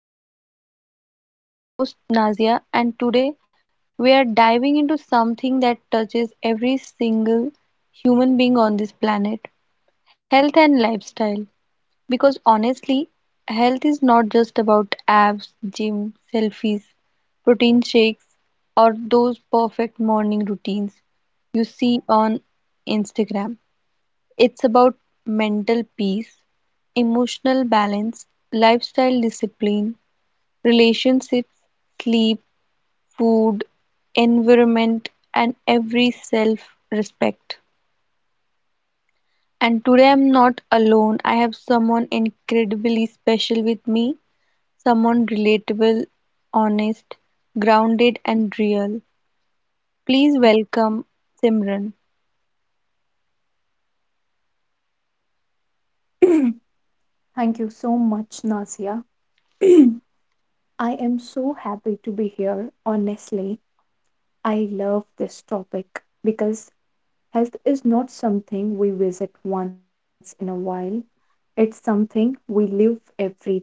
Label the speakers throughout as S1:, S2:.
S1: real change. I'm your host Nazia, and today we are diving into something that touches every single human being on this planet, health and lifestyle. Because honestly, health is not just about abs, gym, selfies, protein shakes, or those perfect morning routines you see on Instagram. It's about mental peace, emotional balance, lifestyle discipline, relationships, sleep, food, environment, and every self respect. And today I'm not alone. I have someone incredibly special with me, someone relatable, honest, grounded, and real. Please welcome Simran.
S2: Thank you so much, Nasia. I am so happy to be here. Honestly, I love this topic because health is not something we visit once in a while, it's something we live every day.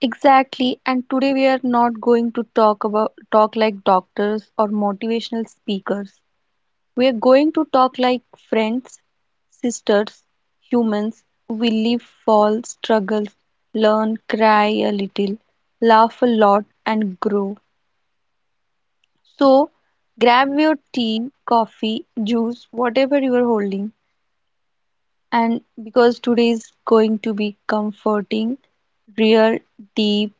S1: Exactly, and today we are not going to talk about talk like doctors or motivational speakers. We are going to talk like friends, sisters, humans. We live, fall, struggle, learn, cry a little, laugh a lot, and grow. So, grab your tea, coffee, juice, whatever you are holding. And because today is going to be comforting, real, deep,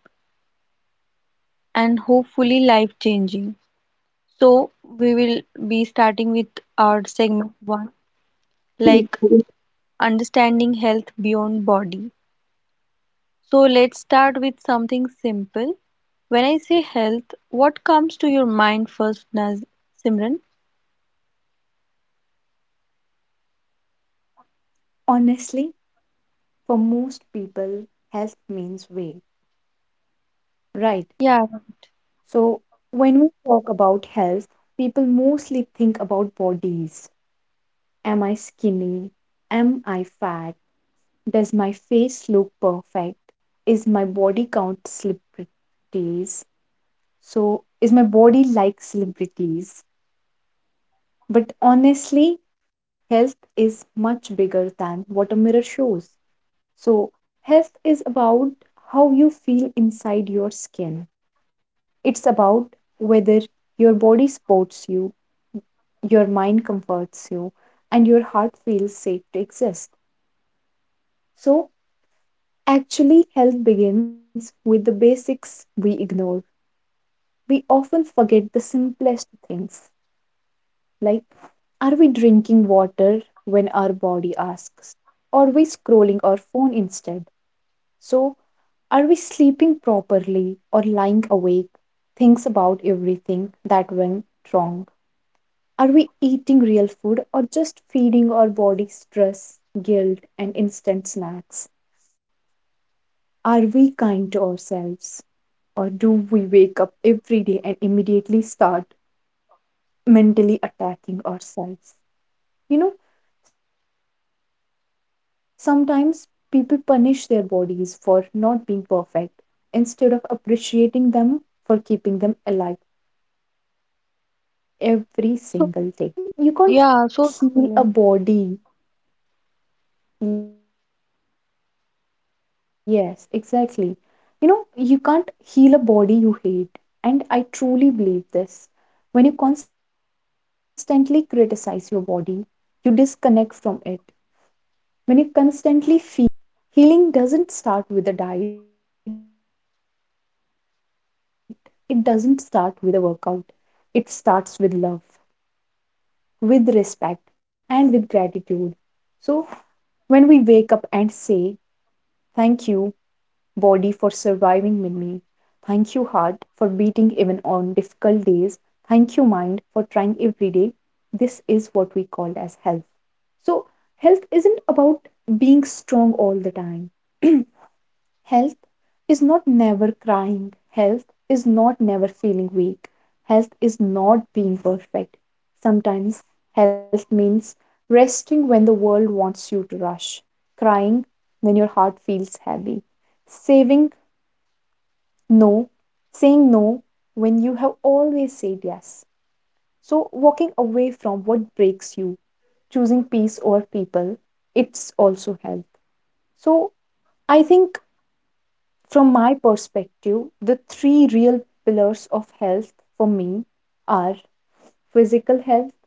S1: and hopefully life changing. So, we will be starting with our segment one, like understanding health beyond body. So, let's start with something simple. When I say health, what comes to your mind first, Naz Simran?
S2: Honestly, for most people, health means weight, right?
S1: Yeah,
S2: So, when we talk about health, people mostly think about bodies. Am I skinny? Am I fat? Does my face look perfect? Is my body count celebrities? So, is my body like celebrities? But honestly, health is much bigger than what a mirror shows. So, health is about how you feel inside your skin. It's about whether your body supports you, your mind comforts you, and your heart feels safe to exist. So, actually, health begins with the basics we ignore, we often forget the simplest things, like are we drinking water when our body asks, are we scrolling our phone instead? So are we sleeping properly or lying awake, thinks about everything that went wrong? Are we eating real food or just feeding our body stress, guilt, and instant snacks? Are we kind to ourselves? Or do we wake up every day and immediately start mentally attacking ourselves? You know, sometimes people punish their bodies for not being perfect instead of appreciating them for keeping them alive every single day. So,
S1: so
S2: actually,
S1: yeah,
S2: you can't
S1: so
S2: heal a
S1: true.
S2: body. Yes, exactly. You know, you can't heal a body you hate. And I truly believe this. When you constantly criticize your body, you disconnect from it. When you constantly feel, I am not good enough, your body absorbs that pain. Healing doesn't start with a diet, it doesn't start with a workout. It starts with love, with respect, and with gratitude. So, when we wake up and say, thank you body for surviving with me. Thank you, heart, for beating even on difficult days. Thank you, mind, for trying every day. This is what we call as health. So, health isn't about being strong all the time. Health is not never crying. Health is not never feeling weak. Health is not being perfect. Sometimes health means resting when the world wants you to rush, crying when your heart feels heavy, saving no, saying no when you have always said yes. So, walking away from what breaks you, choosing peace over people, it's also health. So, I think from my perspective, the three real pillars of health for me are physical health,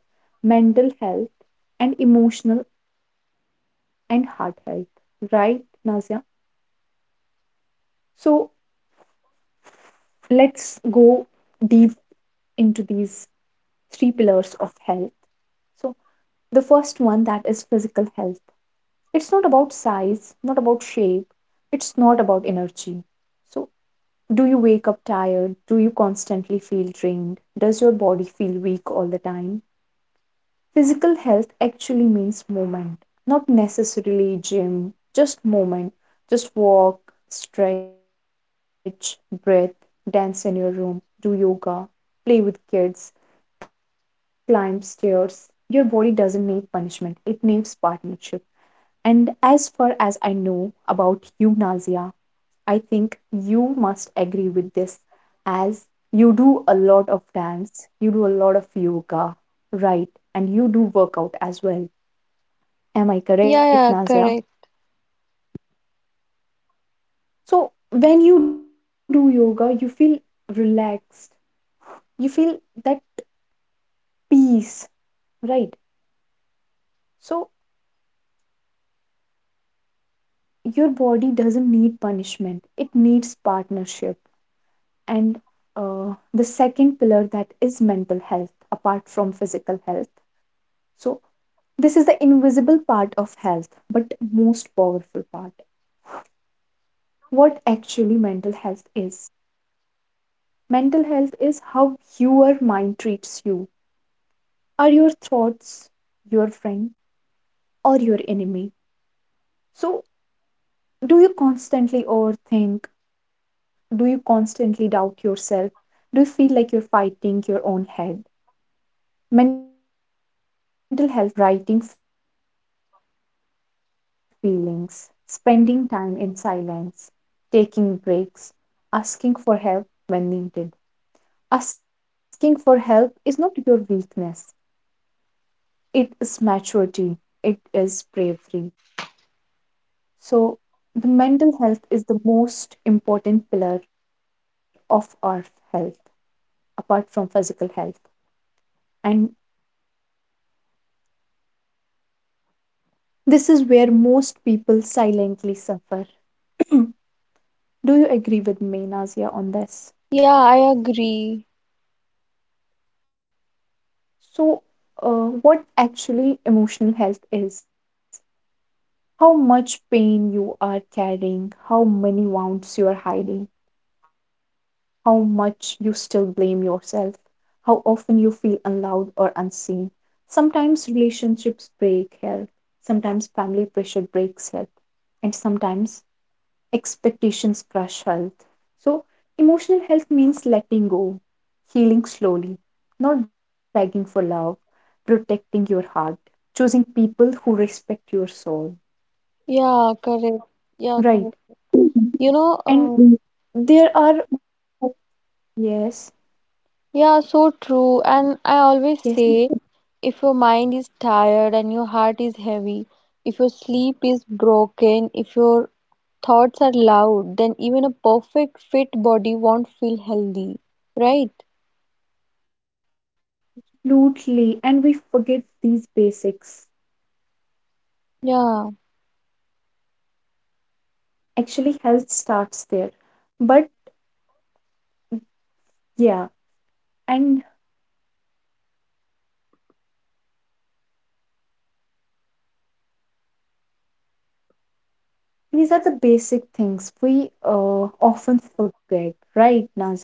S2: mental health, and emotional and heart health. Right, Nazia? So let's go deep into these three pillars of health. So, the first one that is physical health. It's not about size, not about shape, it's not about energy. So, do you wake up tired? Do you constantly feel drained? Does your body feel weak all the time? Physical health actually means movement, not necessarily gym, just movement. Just walk, stretch, breathe, dance in your room, do yoga, play with kids, climb stairs. Your body doesn't need punishment, it needs partnership. And as far as I know about you, I think you must agree with this, as you do a lot of dance, you do a lot of yoga, right? And you do workout as well. Am I
S1: Yeah, yeah,
S2: correct,
S1: correct.
S2: Nazia? So, when you do yoga, you feel relaxed, you feel that peace, right? So, your body doesn't need punishment, it needs partnership. And the second pillar that is mental health, apart from physical health. So, this is the invisible part of health, but most powerful part. What actually mental health is. Mental health is how your mind treats you. Are your thoughts your friend or your enemy? So, do you constantly overthink? Do you constantly doubt yourself? Do you feel like you're fighting your own head? Mental health means giving your brain space to breathe, talking to someone, writing feelings, spending time in silence, taking breaks, asking for help when needed. Asking for help is not your weakness, it is maturity, it is bravery. So, the mental health is the most important pillar of our health, apart from physical health. And the last that is emotional and heart health. This is where most people silently suffer. Do you agree with me, Nazia, on this?
S1: Yeah, I agree.
S2: So, what actually emotional health is? How much pain you are carrying, how many wounds you are hiding, how much you still blame yourself, how often you feel unloved or unseen. Sometimes relationships break health, sometimes family pressure breaks health, and sometimes expectations crush health. So, emotional health means letting go, healing slowly, not begging for love, protecting your heart, choosing people who respect your soul.
S1: Yeah, correct. Yeah,
S2: Right.
S1: correct.
S2: Mhm.
S1: You know,
S2: And
S1: uh,
S2: there are, yes,
S1: yeah, so true. And I always
S2: yes,
S1: say if your mind is tired and your heart is heavy, if your sleep is broken, if your thoughts are loud, then even a perfect fit body won't feel healthy, right?
S2: absolutely. And we forget these basics.
S1: Yeah.
S2: Actually, health starts there. But yeah, and these are the basic things we often forget, right, Naza?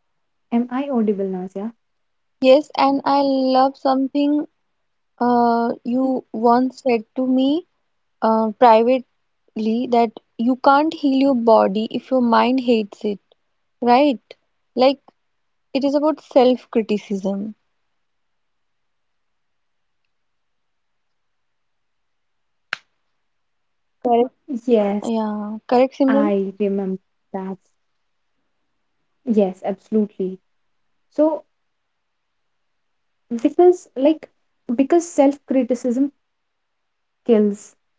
S2: Am I audible, Nazia?
S1: Yes, and I love something you once said to me privately that you can't heal your body if your mind hates it, right? Like it is about self-criticism. Correct. Yeah, correct,
S2: Yes,
S1: Simran.
S2: I remember that. Yes, absolutely. So, because like because self-criticism kills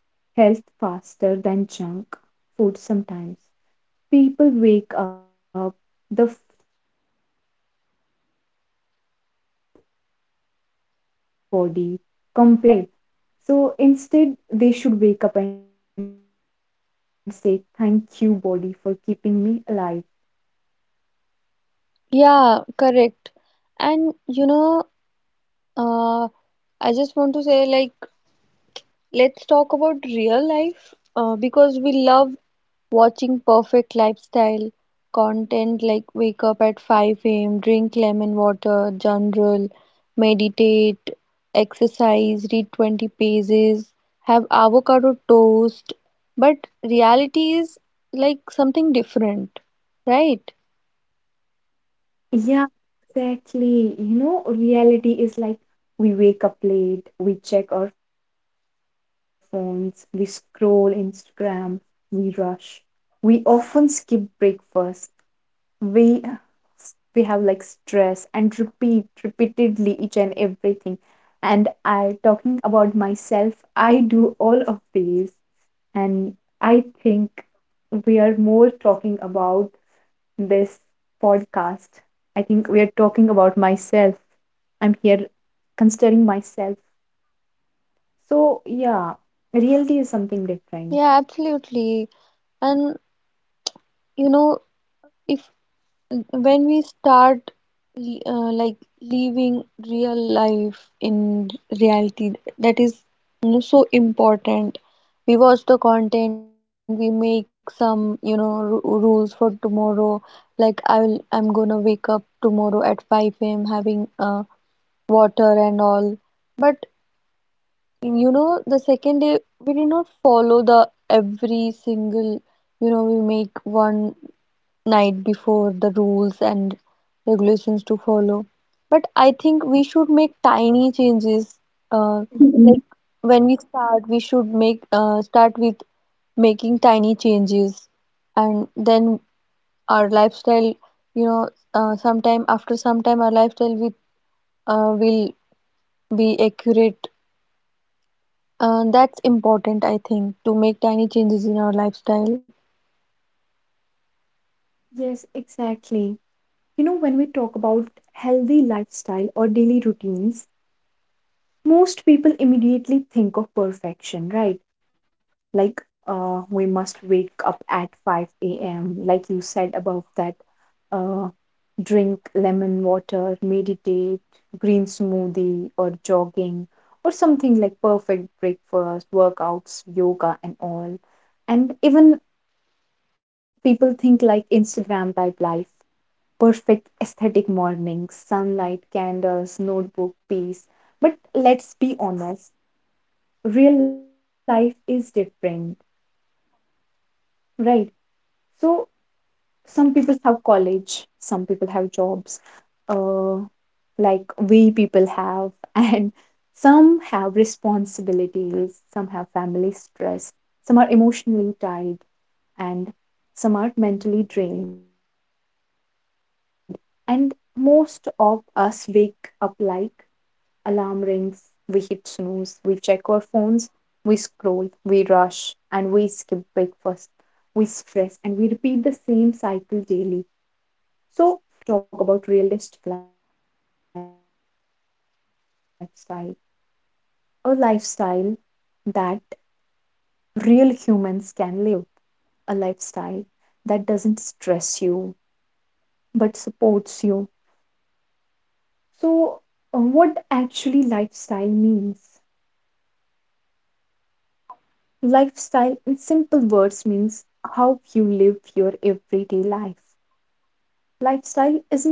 S2: health faster than junk food sometimes. People wake up, the first thing they do is check body, judge body, compare body, and even I myself do the same thing. Right. So instead, they should wake up and say, thank you, body, for keeping me alive.
S1: Yeah, correct. And you know, uh, I just want to say, like, let's talk about real life, because we love watching perfect lifestyle content, like wake up at 5 a.m., drink lemon water, journal, meditate, exercise, read 20 pages, have avocado toast. But reality is like something different, right?
S2: Yeah, exactly. You know, reality is like we wake up late, we check our phones, we scroll Instagram, we rush. We often skip breakfast. We have like stress and repeat repeatedly each and everything. And I talking about myself, I do all of these. And I think we are more talking about this podcast. I think we are talking about myself. I'm here considering myself. So, yeah, reality is something
S1: Yeah,
S2: different.
S1: absolutely. And you know, if when we start l- uh, like living real life in reality, that is, you know, so important. We watch the content, we make some, you know, ru rules for tomorrow. Like I'm gonna wake up tomorrow at 5 a.m. having water and all. But you know, the second day we did not follow the every single, you know, we make one night before, the rules and regulations to follow. But I think we should make tiny changes. Uh, like
S2: Mhm.
S1: when we start, we should make start with making tiny changes, and then our lifestyle, you know, sometime after some time, our lifestyle with will be accurate. That's important, I think, to make tiny changes in our lifestyle.
S2: Yes, exactly. You know, when we talk about healthy lifestyle or daily routines, most people immediately think of perfection, right? Like, we must wake up at 5 a.m., like you said above that, uh, drink lemon water, meditate, green smoothie, or jogging, or something like perfect breakfast, workouts, yoga, and all. And even people think like Instagram type life, perfect aesthetic mornings, sunlight, candles, notebook, peace. But let's be honest, real life is different, right? So some people have college, some people have jobs, uh, like we people have and some have responsibilities, some have family stress, some are emotionally tired, and some are mentally drained, and most of us wake up like, alarm rings, we hit snooze, we check our phones, we scroll, we rush, and we skip breakfast, we stress, and we repeat the same cycle daily. So, today I don't want to talk about aesthetic lifestyle. I want to talk about realistic lifestyle, a lifestyle that real humans can live, a lifestyle that doesn't stress you but supports you. So, what actually lifestyle means? Lifestyle, in simple words, means how you live your everyday life.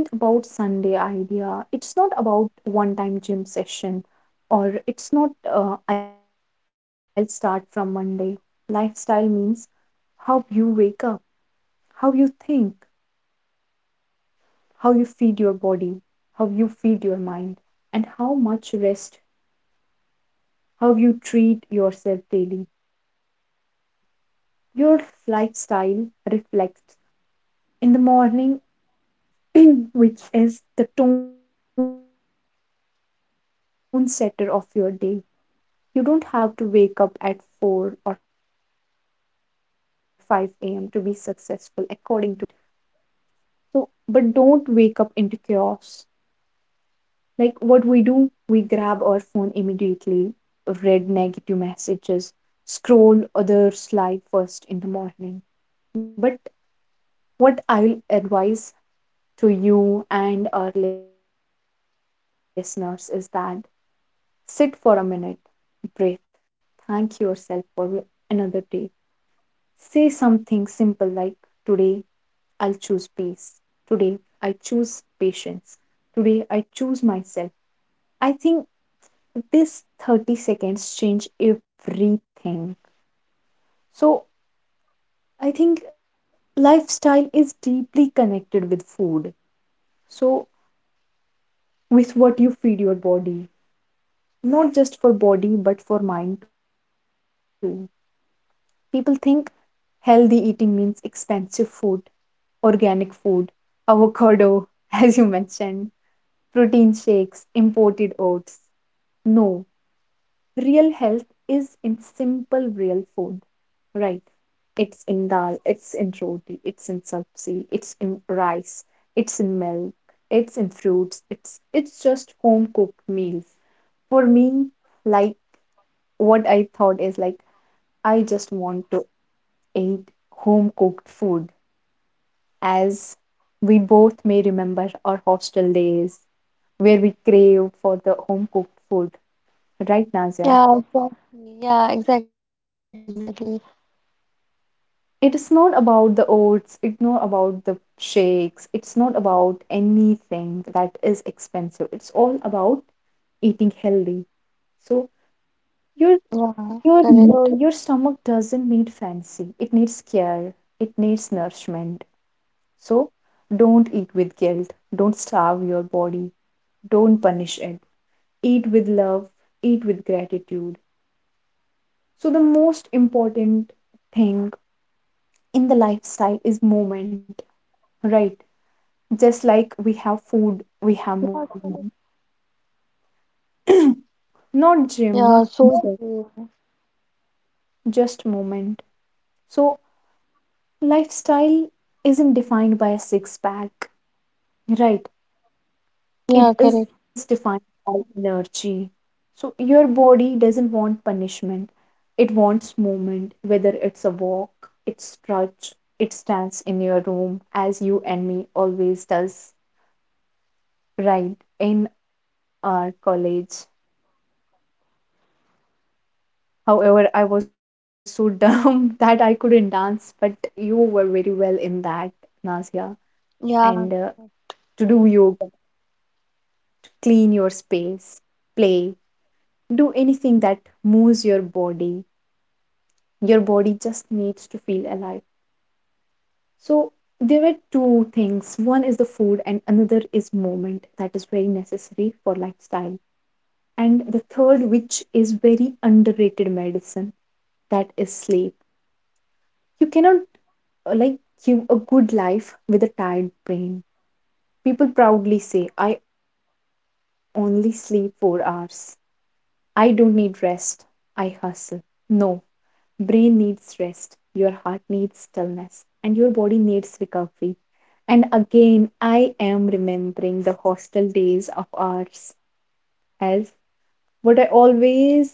S2: Lifestyle isn't about Sunday idea. It's not about one time gym session, or it's not I'll start from Monday. Lifestyle means how you wake up, how you think, how you feed your body, how you feed your mind, and how much rest, how you treat yourself daily. Your lifestyle reflects how much love you give yourself. In the morning, which is the tone setter of your day, you don't have to wake up at 4 or 5 a.m. to be successful, according to me. Wake up at time that respects your life, right? So, but don't wake up into chaos. Like what we do, we grab our phone immediately, read negative messages, scroll others' life first in the morning. But what I'll advise to you and our listeners is that sit for a minute, breathe, thank yourself for another day. Say something simple like, today I'll choose peace. Today I choose patience. Today I choose myself. I think this 30 seconds change everything. So I think lifestyle is deeply connected with food. So, with what you feed your body, not just for body but for mind too. People think healthy eating means expensive food, organic food, avocado, as you mentioned, protein shakes, imported oats. No, real health is in simple, real food, right? It's in dal, it's in roti, it's in sabzi, it's in rice, it's in milk, it's in fruits, it's just home cooked meals. For me, like what I thought is like I just want to ate home cooked food as we both may remember our hostel days where we craved for the home cooked food. Right, Nazia?
S1: Yeah, exactly. Yeah, exactly, exactly.
S2: It is not about the oats, it's not about the shakes, it's not about anything that is expensive. It's all about eating healthy. So your
S1: Yeah,
S2: your
S1: correct.
S2: Mhm. Your stomach doesn't need fancy. It needs care. It needs nourishment. So don't eat with guilt. Don't starve your body. Don't punish it. Eat with love, eat with gratitude. So, the most important thing in the lifestyle is movement, right? Just like we have food, we have
S1: Yeah,
S2: movement.
S1: correct.
S2: Not gym, not
S1: Yeah, so
S2: pizza,
S1: true.
S2: just movement. So, lifestyle isn't defined by a six pack, right? It is
S1: Yeah,
S2: defined
S1: correct.
S2: by energy. So your body doesn't want punishment. It wants movement, whether it's a walk, it stretch, it stands in your room, as you and me always does, right? In our college. However, I was so dumb that I couldn't dance, but you were very well in that, Nazia. And
S1: Yeah,
S2: To do yoga, clean your space, play, do anything that moves your body. Your body just needs to feel alive. So there were two things. One is the food and another is movement that is very necessary for lifestyle. And the third, which is very underrated medicine, that is sleep. You cannot, like give a good life with a tired brain. People proudly say, I only sleep 4 hours, I don't need rest, I hustle. No, brain needs rest, your heart needs stillness, and your body needs recovery. And again, I am remembering the hostel days of ours as what I always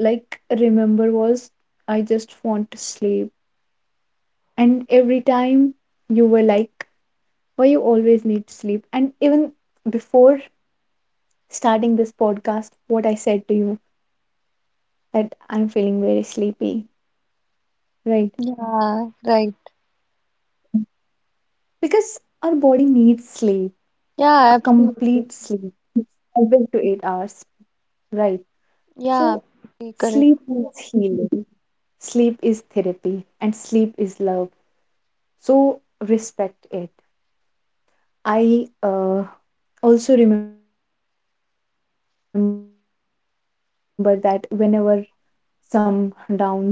S2: like remember was I just want to sleep. And every time you were like, why you always need sleep? And even before starting this podcast, what I said to you that I'm feeling very sleepy, right?
S1: yeah, right.
S2: Because our body needs sleep, a complete
S1: Yeah,
S2: sleep,
S1: absolutely.
S2: 7 to 8 hours, right? So, sleep
S1: Yeah,
S2: is
S1: absolutely
S2: healing,
S1: correct.
S2: sleep is therapy, and sleep is love. So, respect it. I also remember that whenever we both felt something like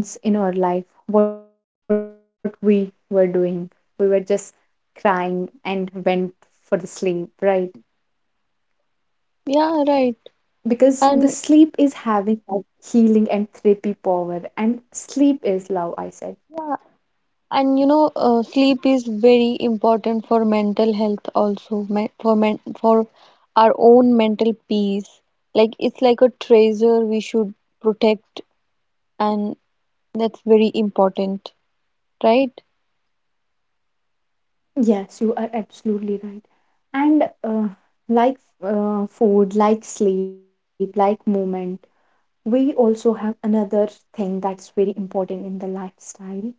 S2: some downs in our life, what we were doing, we were just crying and went for the sleep, right?
S1: Yeah, right.
S2: Because
S1: And
S2: the sleep is having that healing and therapy power, and sleep is love, I said.
S1: and you know, sleep is very important for mental health also, me for men for our own mental peace. Like it's like a treasure we should protect, and that's very important, right?
S2: Yes, you are absolutely right. And like food, like sleep, like movement, we also have another thing that's very important in the lifestyle,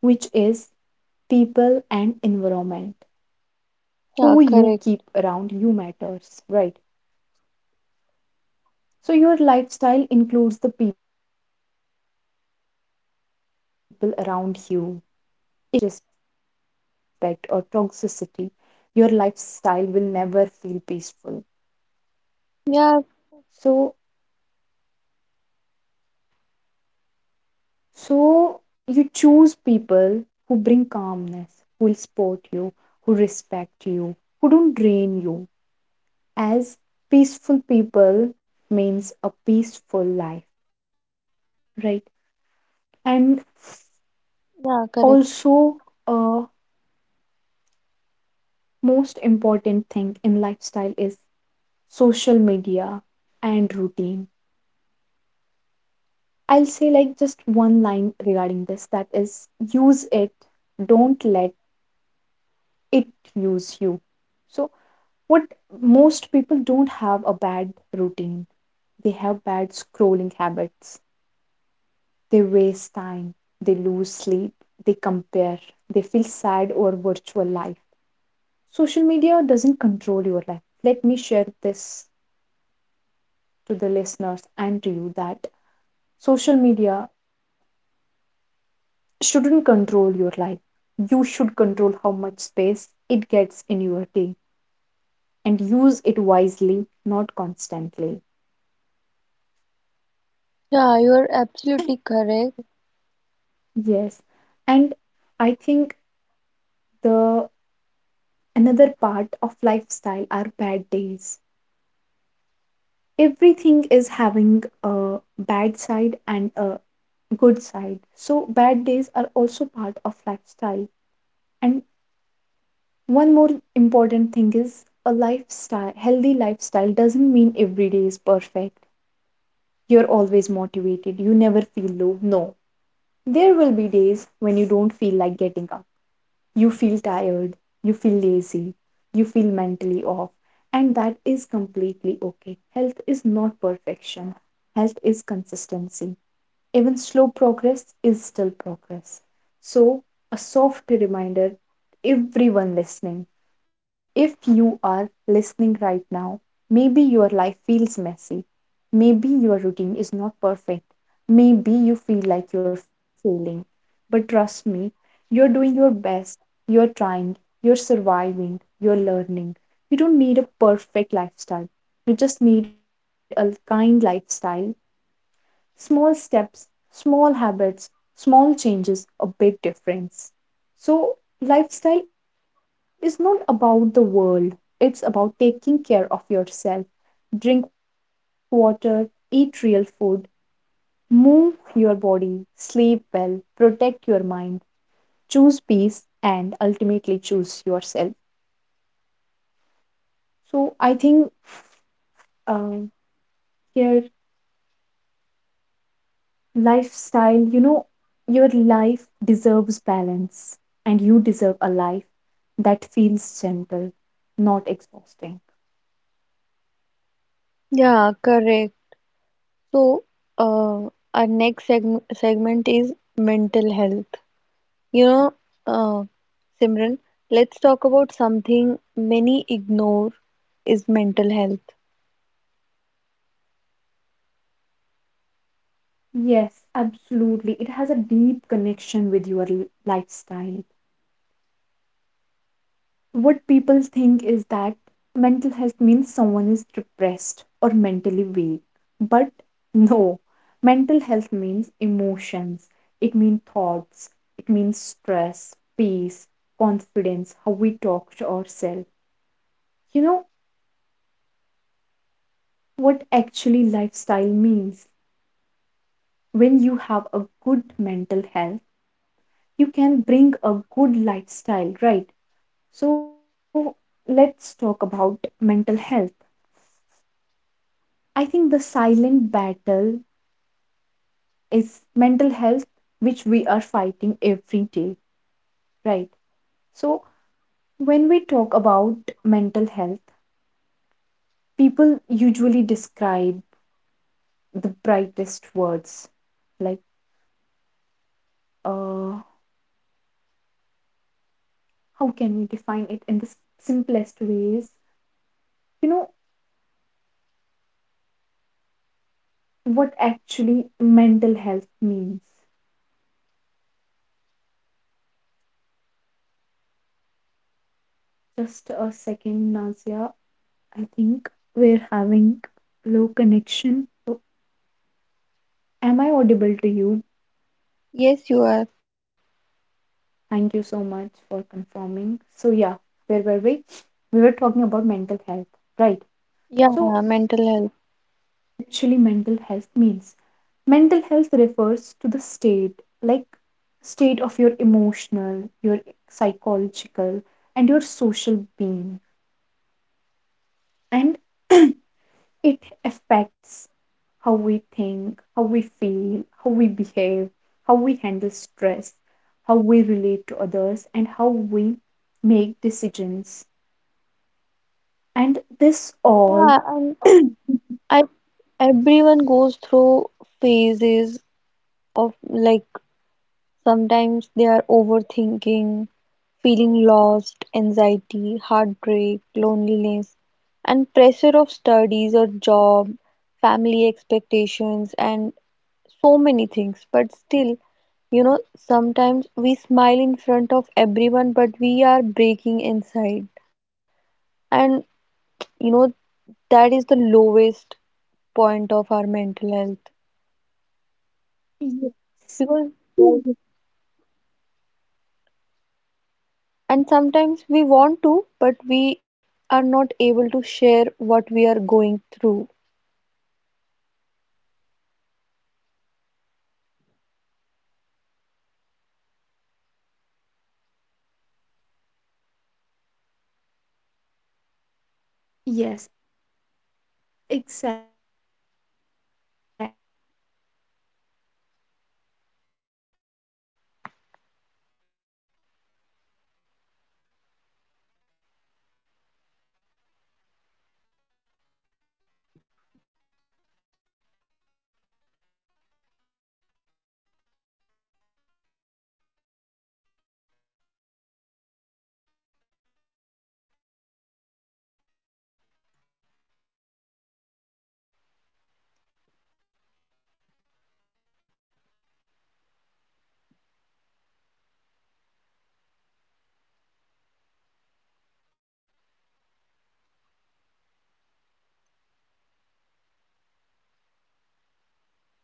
S2: which is people and environment. Who you
S1: Yeah,
S2: keep
S1: correct.
S2: around you matters, right? So your lifestyle includes the people around you. If you live around negativity, constant criticism, or disrespect or toxicity, your lifestyle will never feel peaceful.
S1: Yeah,
S2: So, so you choose people who bring calmness, who will support you, who respect you, who don't drain you. As peaceful people means a peaceful life, right?
S1: yeah,
S2: And
S1: correct.
S2: also, a most important thing in lifestyle is social media and routine. I'll say like just one line regarding this, that is, use it, don't let it use you. So what, most people don't have a bad routine, they have bad scrolling habits, they waste time, they lose sleep, they compare, they feel sad over virtual life. Social media doesn't control your life. Let me share this to the listeners and to you that social media shouldn't control your life. You should control how much space it gets in your day and use it wisely, not constantly.
S1: Yeah, you're absolutely correct.
S2: Yes. And I think the another part of lifestyle are bad days. Everything is having a bad side and a good side, so bad days are also part of lifestyle. And one more important thing is, a lifestyle, healthy lifestyle doesn't mean every day is perfect, you're always motivated, you never feel low. No, there will be days when you don't feel like getting up, you feel tired, you feel lazy, you feel mentally off, and that is completely okay. Health is not perfection, health is consistency. Even slow progress is still progress. So, a soft reminder to everyone listening, if you are listening right now, maybe your life feels messy. Maybe your routine is not perfect. Maybe you feel like you're failing. But trust me, you're doing your best. You're trying. You're surviving. You're learning. You don't need a perfect lifestyle. You just need a kind lifestyle. Small steps, small habits, small changes, a big difference. So, lifestyle is not about the world, it's about taking care of yourself. Drink water, eat real food, move your body, sleep well, protect your mind, choose peace, and ultimately choose yourself. So, I think, uh, here, lifestyle, you know, your life deserves balance and you deserve a life that feels gentle, not exhausting.
S1: Yeah, correct. So, uh, our next segment is mental health. You know, uh, Simran, let's talk about something many ignore, is mental health.
S2: Yes, absolutely. It has a deep connection with your lifestyle. What people think is that mental health means someone is depressed or mentally weak. But no, mental health means emotions, it means thoughts, it means stress, peace, confidence, how we talk to ourselves. You know what actually lifestyle means. When you have a good mental health, you can bring a good lifestyle, right? So let's talk about mental health. I think the silent battle is mental health, which we are fighting every day, right? So, when we talk about mental health, people usually describe the brightest words. Like, uh, how can we define it in the simplest ways? You know, what actually mental health means. Just a second, Nazia. I think we're having low connection. So, am I audible to you?
S1: Yes, you are.
S2: Thank you so much for confirming. So, yeah, where were we? We were talking about mental health, right? So,
S1: Yeah, mental health.
S2: actually, mental health means, mental health refers to the state, like state of your emotional, your psychological, and your social being. And it affects how we think, how we feel, how we behave, how we handle stress, how we relate to others, and how we make decisions. And this all,
S1: Yeah, and I everyone goes through phases of like, sometimes they are overthinking, feeling lost, anxiety, heartbreak, loneliness, and pressure of studies or job, family expectations, and so many things. But still, you know, sometimes we smile in front of everyone, but we are breaking inside. And you know, that is the lowest point of our mental health.
S2: yes.
S1: Because
S2: Mm.
S1: And sometimes we
S2: Yes,
S1: want to, but
S2: exactly. Let's
S1: we are not able to share what we are going through.
S2: Exactly, exactly. That is what mental health is. So, uh, for our listeners, let's dive deep into this mental health. And so, just like physical health keeps the body working, mental health keeps the mind stable, calm, and strong. A good mental health means, a mentally healthy person can handle daily stress. He can control emotions instead of emotions controlling them. He feels confident and balanced. He builds healthy relationships, enjoys life, feels purpose and meaning. Good h- Mental health doesn't mean being happy every day. It means, like, even if bad days come, you can cope, you can recover,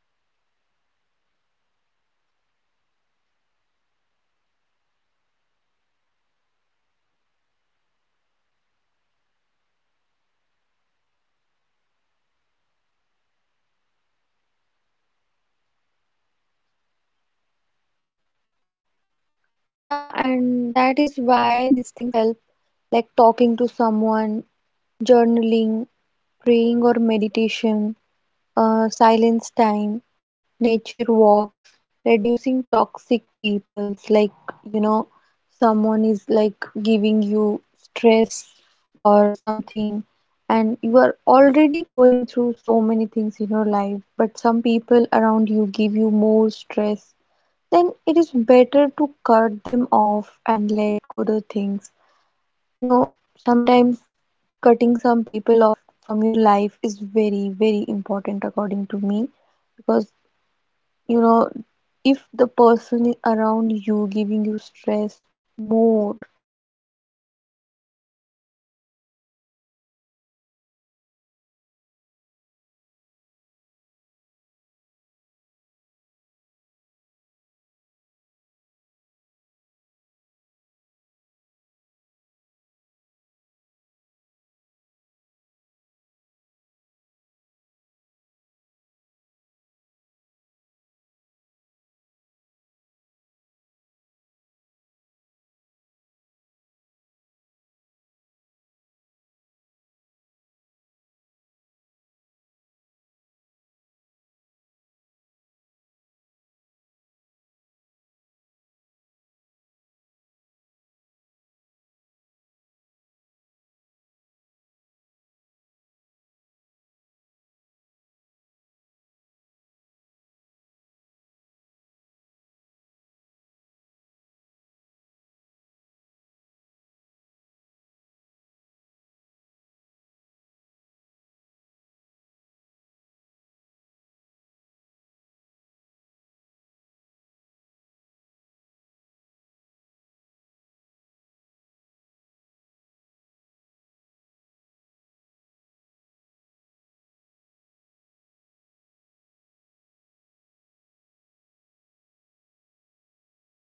S2: and still move forward, right?
S1: Yeah, and that is why these things help, like talking to someone, journaling, praying, or meditation, silence time, nature walks, reducing toxic peoples. Like, you know, someone is like giving you stress or something, and you are already going through so many things in your life, but some people around you give you more stress. Then it is better to cut them off and let go the things. You know, sometimes cutting some people off from your life is very, very important according to me, because you know if the around you giving you stress more, like already you are going through so many things and still they are giving you more stress, they are giving you so many things, so it's better to cut them off and move on, because it's important to be peaceful and happy than being around some people. It's important that you are alone but happy. But don't be with someone who is giving you stress or anxiety. Be with someone who is not giving you happiness but still not giving you anxiety and stress. They are nice to you, kind to you, nice to you, and that's very important. Choosing right people for you is very, very important in life, and attaching to someone who is toxic and not good for you is, will, you know, result in very very tragic, you know, moments. So it's better to cut them off and move on in life with, like, with someone if you have, and if you don't have anyone just move on alone with yourself. And according to me, protecting your mental peace, mental health is very, very, very important.